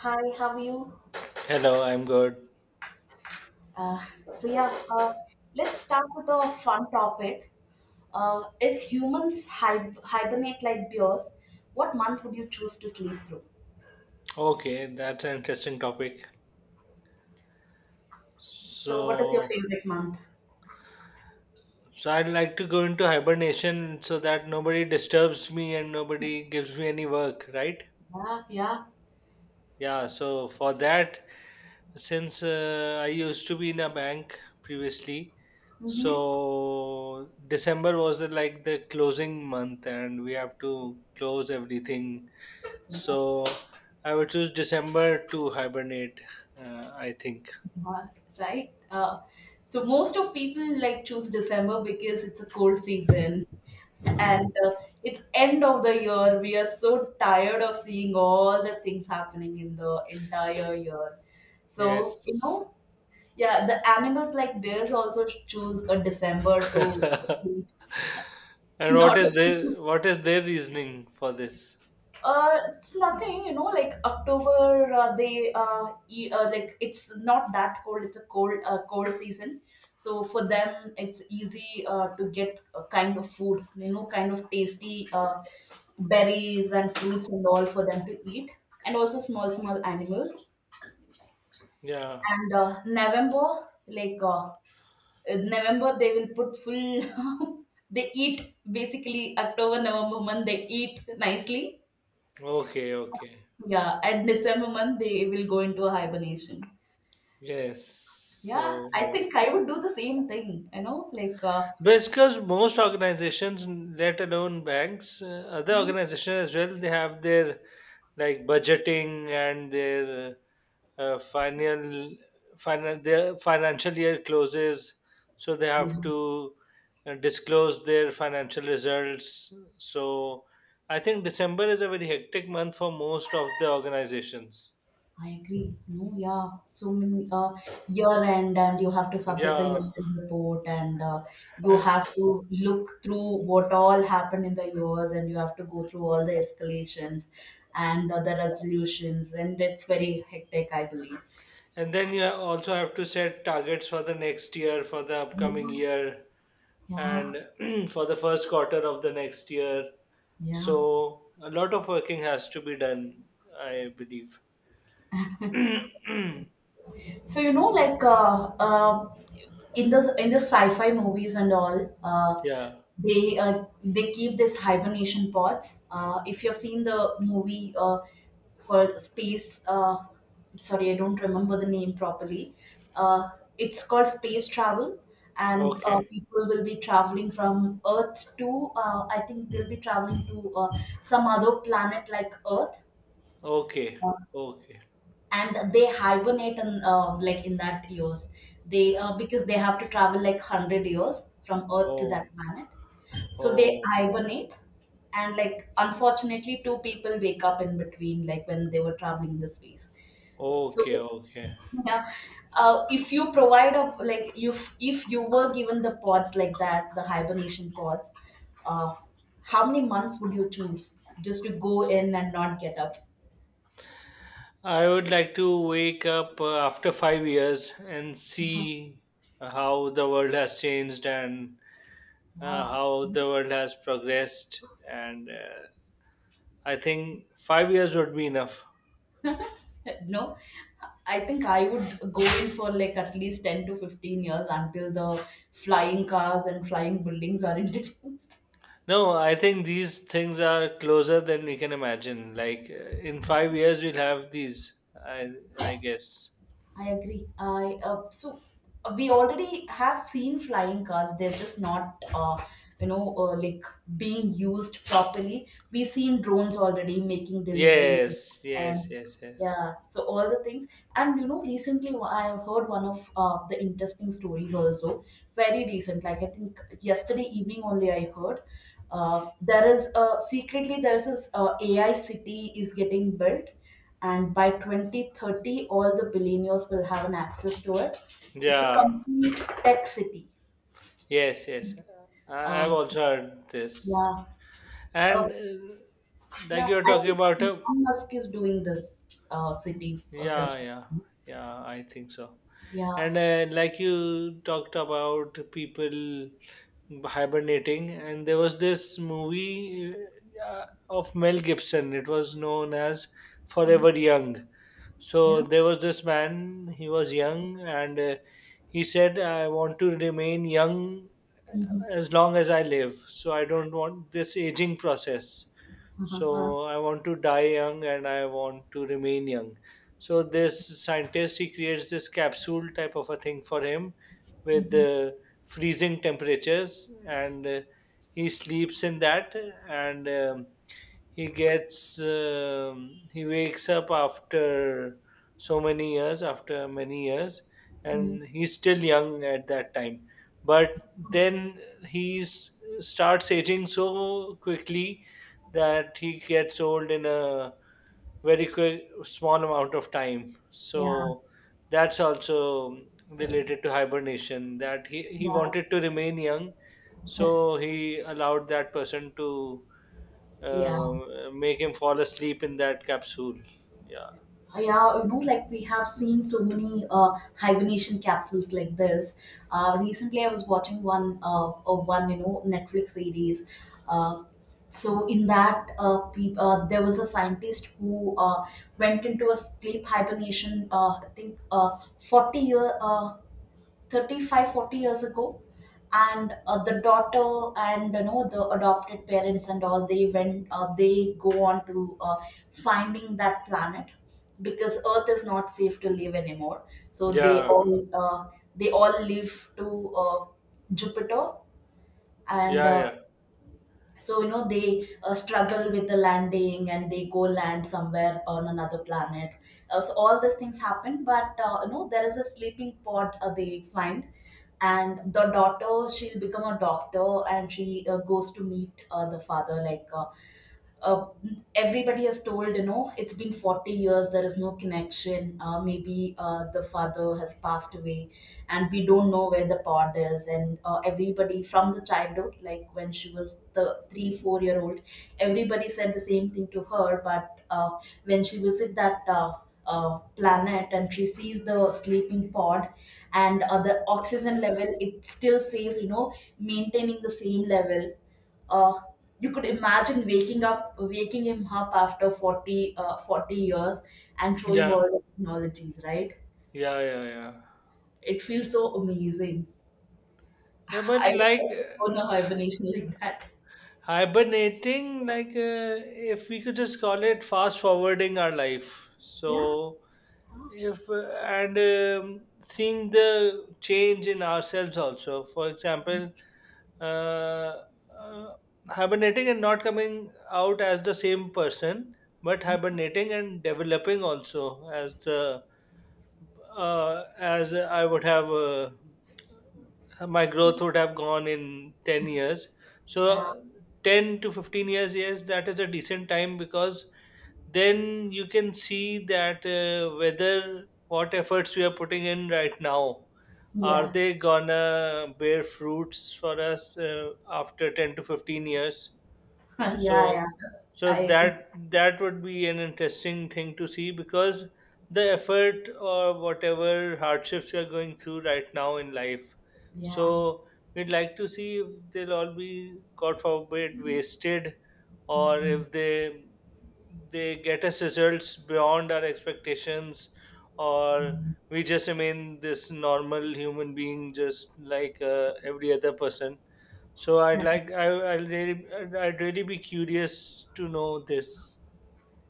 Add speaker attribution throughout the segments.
Speaker 1: Hi, how are you?
Speaker 2: Hello, I'm good.
Speaker 1: Uh, so yeah, uh, let's start with a fun topic. If humans hibernate like bears, what month would you choose to sleep through?
Speaker 2: Okay, that's an interesting topic.
Speaker 1: So, what is your
Speaker 2: So,
Speaker 1: favorite month?
Speaker 2: so, I'd like to go into hibernation so that nobody disturbs me and nobody gives me any work, right?
Speaker 1: Yeah, yeah.
Speaker 2: Yeah, so for that, since I used to be in a bank previously,
Speaker 1: Mm-hmm.
Speaker 2: so December was like the closing month and we have to close everything. So I would choose December to hibernate, I think.
Speaker 1: Uh, right? So most of people like choose December because it's a cold season and it's end of the year. We are so tired of seeing all the things happening in the entire year. So, you
Speaker 2: Yes.
Speaker 1: know, yeah, the animals like bears also choose a December to sleep.
Speaker 2: And
Speaker 1: Not
Speaker 2: what is their reasoning for this?
Speaker 1: It's nothing, you know, like October, like it's not that cold. It's a cold season, so for them it's easy to get a kind of food, you know, kind of tasty berries and fruits and all for them to eat, and also small, small animals.
Speaker 2: Yeah.
Speaker 1: And November, like November, they will put full. they eat basically October, November month. They eat nicely.
Speaker 2: Okay, okay.
Speaker 1: Yeah, at December month they will go into a hibernation.
Speaker 2: Yes.
Speaker 1: Yeah, I
Speaker 2: So
Speaker 1: think I would do the same thing,
Speaker 2: Because most organizations, let alone banks, other organizations as well, they have their like budgeting and their uh, uh, final, final, their financial year closes, so they have
Speaker 1: yeah,
Speaker 2: to disclose their financial results. So I think December is a very hectic month for most of the organizations.
Speaker 1: I agree. No, yeah, so many year end, and you have to submit the
Speaker 2: Yeah.
Speaker 1: year end report, and you
Speaker 2: Uh,
Speaker 1: have to look through what all happened in the years, and you have to go through all the escalations and the resolutions, and it's very hectic, I believe.
Speaker 2: And then you also have to set targets for the next year, for the upcoming year,
Speaker 1: Yeah,
Speaker 2: and for the first quarter of the next year.
Speaker 1: yeah.
Speaker 2: So a lot of working has to be done, I believe.
Speaker 1: So you know, like in the sci-fi movies and all,
Speaker 2: yeah.
Speaker 1: they keep this hibernation pods. If you've seen the movie called Space, sorry, I don't remember the name properly. Uh, it's called Space Travel, and
Speaker 2: Okay.
Speaker 1: people will be traveling from Earth to. I think they'll be traveling to some other planet like Earth.
Speaker 2: Okay.
Speaker 1: Uh,
Speaker 2: Okay.
Speaker 1: and they hibernate in in that years they because they have to travel like 100 years from earth to
Speaker 2: Oh.
Speaker 1: that planet, so they
Speaker 2: Oh.
Speaker 1: hibernate, and like unfortunately two people wake up in between like when they were traveling in the space. So
Speaker 2: Okay. Okay.
Speaker 1: yeah, if you provide a like if you were given the pods like that, the hibernation pods, uh, how many months would you choose just to go in and not get up?
Speaker 2: I would like to wake up after 5 years and see how the world has changed and
Speaker 1: Yeah,
Speaker 2: how the world has progressed. And I think 5 years would be enough.
Speaker 1: no, I think I would go in for like at least 10 to 15 years until the flying cars and flying buildings are introduced.
Speaker 2: No, I think these things are closer than we can imagine. Like in 5 years, we'll have these. I I guess.
Speaker 1: I agree. I so We already have seen flying cars. They're just not, you know, uh, like being used properly. We've seen drones already making delivery,
Speaker 2: Yes, yes,
Speaker 1: and
Speaker 2: yes, yes.
Speaker 1: yeah, so all the things. And you know, recently I have heard one of the interesting stories also. Very recent, like I think yesterday evening only I heard. There is a secretly there is this AI city is getting built, and by 2030 all the billionaires will have an access to it. It's a
Speaker 2: Yeah,
Speaker 1: complete tech city.
Speaker 2: yes, yes. I,
Speaker 1: uh,
Speaker 2: I've also heard this,
Speaker 1: yeah uh,
Speaker 2: and like
Speaker 1: yeah,
Speaker 2: you're
Speaker 1: I
Speaker 2: talking
Speaker 1: think
Speaker 2: about a
Speaker 1: Elon Musk is doing this city
Speaker 2: yeah,
Speaker 1: construction.
Speaker 2: yeah, yeah. I think so.
Speaker 1: Yeah.
Speaker 2: And like you talked about people hibernating, and there was this movie uh, of Mel Gibson. It was known as
Speaker 1: Mhm.
Speaker 2: Forever Young. So
Speaker 1: Yeah.
Speaker 2: there was this man. He was young, and he said, I want to remain young
Speaker 1: Mhm.
Speaker 2: as long as I live. So I don't want this aging process.
Speaker 1: Uh-huh.
Speaker 2: So I want to die young and I want to remain young. So this scientist, he creates this capsule type of a thing for him with the freezing temperatures, and he sleeps in that. And he gets, he wakes up after so many years, after many years,
Speaker 1: Mm.
Speaker 2: and he's still young at that time. But then he s- starts aging so quickly that he gets old in a very quick small amount of time.
Speaker 1: Yeah,
Speaker 2: So that's also related to hibernation that he
Speaker 1: yeah,
Speaker 2: wanted to remain young, so he allowed that person to
Speaker 1: yeah.
Speaker 2: make him fall asleep in that capsule. Yeah,
Speaker 1: Yeah, you know like we have seen so many hibernation capsules like this. Recently I was watching one of one, you know, Netflix series. Uh, so in that uh, peop uh, there was a scientist who went into a sleep hibernation, uh, i think uh, 40 year uh, 35 40 years ago. And the daughter and you know the adopted parents and all, they go on to finding that planet because earth is not safe to live anymore, so
Speaker 2: yeah,
Speaker 1: they all live to jupiter. And
Speaker 2: yeah, yeah,
Speaker 1: so you know they struggle with the landing and they go land somewhere on another planet. So all these things happen, but you know there is a sleeping pod they find. And the daughter, she'll become a doctor, and she goes to meet the father, like uh, everybody has told, you know, it's been 40 years, there is no connection, maybe the father has passed away and we don't know where the pod is. And everybody from the childhood, like when she was the 3 4 year old, everybody said the same thing to her. But when she visit that planet and she sees the sleeping pod and the oxygen level, it still says, you know, maintaining the same level. uh, you could imagine waking up waking him up after 40 years and showing all
Speaker 2: yeah,
Speaker 1: the technologies, right?
Speaker 2: yeah, yeah, yeah.
Speaker 1: It feels so amazing.
Speaker 2: Yeah, but
Speaker 1: I wish
Speaker 2: like
Speaker 1: I could go on a hibernation like that.
Speaker 2: hibernating, like if we could just call it fast forwarding our life. So
Speaker 1: Yeah,
Speaker 2: if and seeing the change in ourselves also. For example, uh, uh, hibernating and not coming out as the same person, but hibernating and developing also as the as I would have, my growth would have gone in 10 years. So
Speaker 1: yeah,
Speaker 2: 10 to 15 years, yes, that is a decent time because then you can see that whether what efforts we are putting in right now, are
Speaker 1: yeah.
Speaker 2: they gonna bear fruits for us after 10 to 15 years.
Speaker 1: yeah,
Speaker 2: So,
Speaker 1: yeah,
Speaker 2: so
Speaker 1: I
Speaker 2: that that would be an interesting thing to see because the effort or whatever hardships you're going through right now in life.
Speaker 1: yeah.
Speaker 2: So we'd like to see if they'll all be, God forbid, wasted, or
Speaker 1: Mm.
Speaker 2: if they get us results beyond our expectations, or we just remain this normal human being, just like every other person. So I'd like I would really I'd really be curious to know this.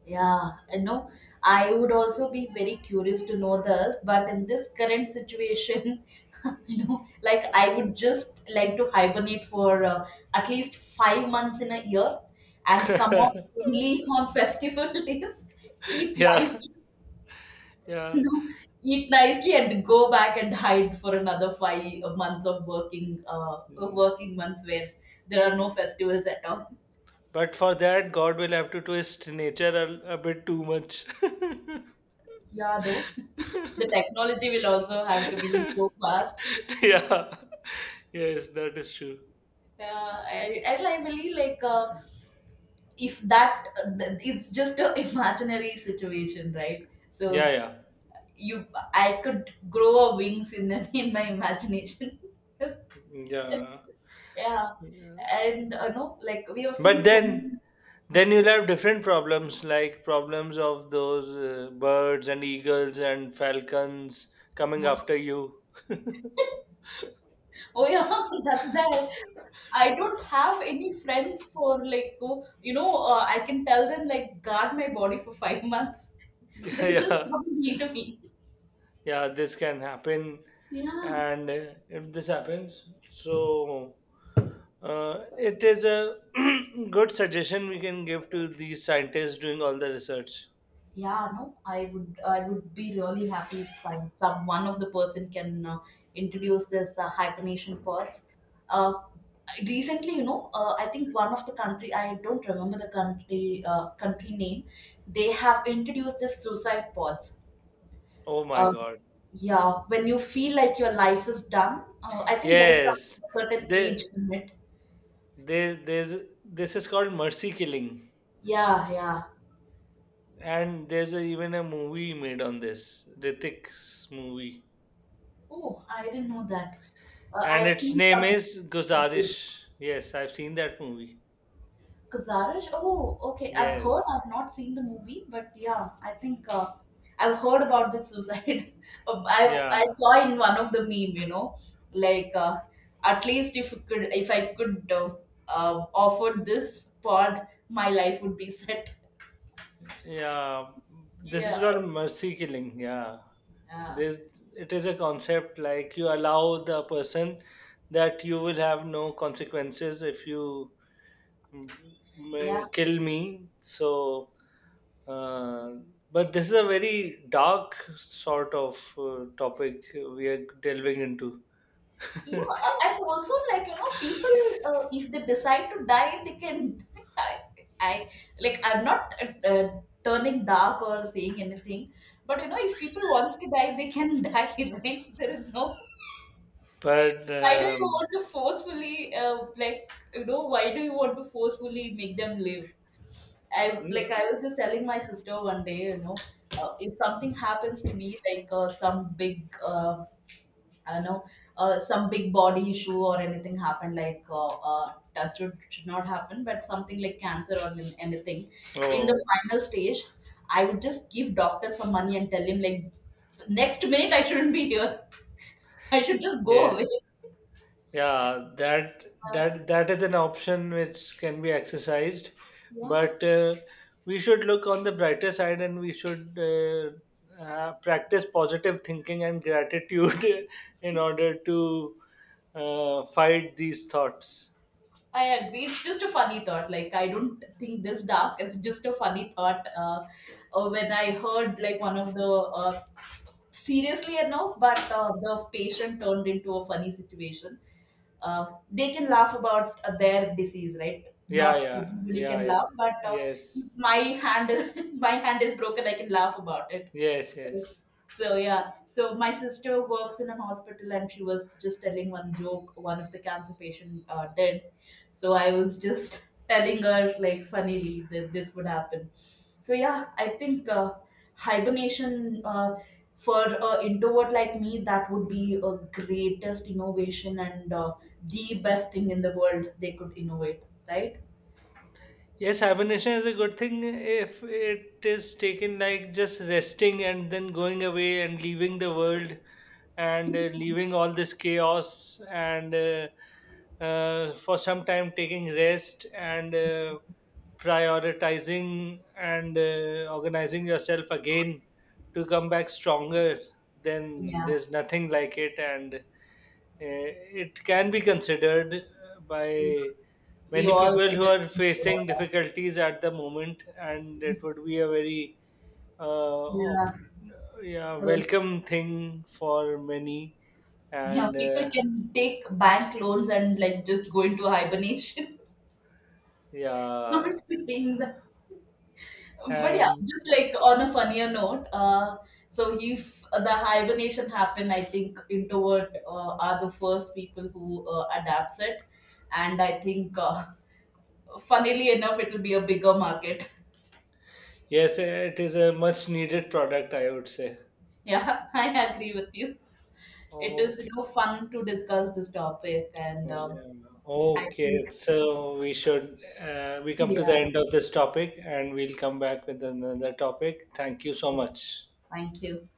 Speaker 1: Yeah, you know, I would also be very curious to know this, but in this current situation, you know, like I would just like to hibernate for at least 5 months in a year and come up only on festival days, eat
Speaker 2: yeah,
Speaker 1: nicely, you
Speaker 2: yeah.
Speaker 1: know, eat nicely and go back and hide for another 5 months of
Speaker 2: Mm.
Speaker 1: working months where there are no festivals at all.
Speaker 2: But for that, God will have to twist nature a bit too much.
Speaker 1: Yeah, no, the technology will also have to be so fast.
Speaker 2: yeah, yes, that is true.
Speaker 1: Yeah, and I believe like if that it's just a imaginary situation, right?
Speaker 2: Yeah, yeah,
Speaker 1: You, I could grow a wings in the, in my imagination.
Speaker 2: yeah.
Speaker 1: yeah, and no, like we have seen
Speaker 2: But
Speaker 1: so many. Uh,
Speaker 2: then you'll have different problems, like problems of those birds and eagles and falcons coming
Speaker 1: yeah.
Speaker 2: after you.
Speaker 1: Oh yeah, that's there. I don't have any friends for like oh, you know I can tell them like guard my body for 5 months. They'll just
Speaker 2: yeah,
Speaker 1: come and eat me.
Speaker 2: yeah, this can happen.
Speaker 1: Yeah.
Speaker 2: And if this happens, so uh, it is a good suggestion we can give to the scientists doing all the research.
Speaker 1: Yeah, no, I would be really happy if some one of the person can introduce this hibernation pods. Uh, recently, I think one of the country, I don't remember the country country name. They have introduced this suicide pods.
Speaker 2: Oh my
Speaker 1: Uh,
Speaker 2: God.
Speaker 1: yeah, when you feel like your life is done, I think there is some
Speaker 2: Yes,
Speaker 1: certain age
Speaker 2: they,
Speaker 1: limit.
Speaker 2: they, there's, this is called mercy killing,
Speaker 1: Yeah, yeah.
Speaker 2: and even a movie made on this, Ritik's movie,
Speaker 1: Oh, I didn't know that.
Speaker 2: and
Speaker 1: I've
Speaker 2: its
Speaker 1: seen
Speaker 2: name is
Speaker 1: some.
Speaker 2: Guzarish. Yes, I've seen that movie.
Speaker 1: Kazarish? Oh, okay. I've heard.
Speaker 2: Yes.
Speaker 1: I've not seen the movie, but yeah, I think I've heard about this suicide. Uh, I I
Speaker 2: Yeah.
Speaker 1: saw in one of the meme, you know, like at least if it could, if I could offer this pod, my life would be set.
Speaker 2: Yeah, this is
Speaker 1: Yeah.
Speaker 2: called mercy killing. Yeah,
Speaker 1: Uh,
Speaker 2: this it is a concept like you allow the person that you will have no consequences if you mm,
Speaker 1: yeah.
Speaker 2: kill me. So, uh, but this is a very dark sort of topic we are delving into.
Speaker 1: Yeah, and also like you know, people if they decide to die, they can. I, I like I'm not turning dark or saying anything, but you know, if people wants to die, they can die, right? There is no.
Speaker 2: But
Speaker 1: Why do you want to forcefully like you know? Why do you want to forcefully make them live? I like
Speaker 2: n-
Speaker 1: I was just telling my sister one day, you know, if something happens to me, like I know some big body issue or anything happened, like that should not happen, but something like cancer or anything in the
Speaker 2: oh,
Speaker 1: final stage, I would just give doctor some money and tell him like next minute I shouldn't be here, I should just go
Speaker 2: yes.
Speaker 1: away.
Speaker 2: Yeah, that
Speaker 1: Uh,
Speaker 2: that that is an option which can be exercised,
Speaker 1: yeah.
Speaker 2: but we should look on the brighter side and we should practice positive thinking and gratitude in order to fight these thoughts.
Speaker 1: I agree, it's just a funny thought, like I don't think this dark, it's just a funny thought when I heard like one of the seriously enough, but the patient turned into a funny situation. They can laugh about their disease, right?
Speaker 2: Yeah,
Speaker 1: Not
Speaker 2: yeah,
Speaker 1: everybody
Speaker 2: yeah,
Speaker 1: can
Speaker 2: yeah.
Speaker 1: laugh, but if
Speaker 2: Yes,
Speaker 1: my hand, my hand is broken, I can laugh about it.
Speaker 2: yes, yes.
Speaker 1: So yeah, so my sister works in a hospital, and she was just telling one joke one of the cancer patient did. So I was just telling her like funnily that this would happen. So yeah, I think hibernation for an introvert like me, that would be a greatest innovation, and the best thing in the world they could innovate, right?
Speaker 2: Yes, hibernation is a good thing if it is taken like just resting and then going away and leaving the world and leaving all this chaos and for some time taking rest and prioritizing and organizing yourself again to come back stronger, then
Speaker 1: Yeah,
Speaker 2: there's nothing like it. And it can be considered
Speaker 1: yeah.
Speaker 2: by
Speaker 1: We
Speaker 2: many
Speaker 1: all
Speaker 2: people
Speaker 1: will
Speaker 2: who are
Speaker 1: become good at
Speaker 2: facing
Speaker 1: that.
Speaker 2: difficulties at the moment, and it would be a very uh, op-
Speaker 1: Yeah.
Speaker 2: yeah,
Speaker 1: So,
Speaker 2: welcome thing for many,
Speaker 1: yeah,
Speaker 2: and
Speaker 1: people can take bank loans and like just go into hibernation. not
Speaker 2: yeah,
Speaker 1: being the. But yeah,
Speaker 2: and
Speaker 1: just like on a funnier note, so he's the hibernation happened. I think introvert are the first people who adapts it, and I think, funnily enough, it will be a bigger market.
Speaker 2: yes, it is a much needed product, I would say.
Speaker 1: Yeah, I agree with you. It is,
Speaker 2: Okay.
Speaker 1: you know, fun to discuss this topic, and
Speaker 2: Oh,
Speaker 1: um,
Speaker 2: yeah.
Speaker 1: I
Speaker 2: Okay,
Speaker 1: think
Speaker 2: so we come to the
Speaker 1: yeah.
Speaker 2: end of this topic, and we'll come back with another topic. Thank you so much.
Speaker 1: Thank you.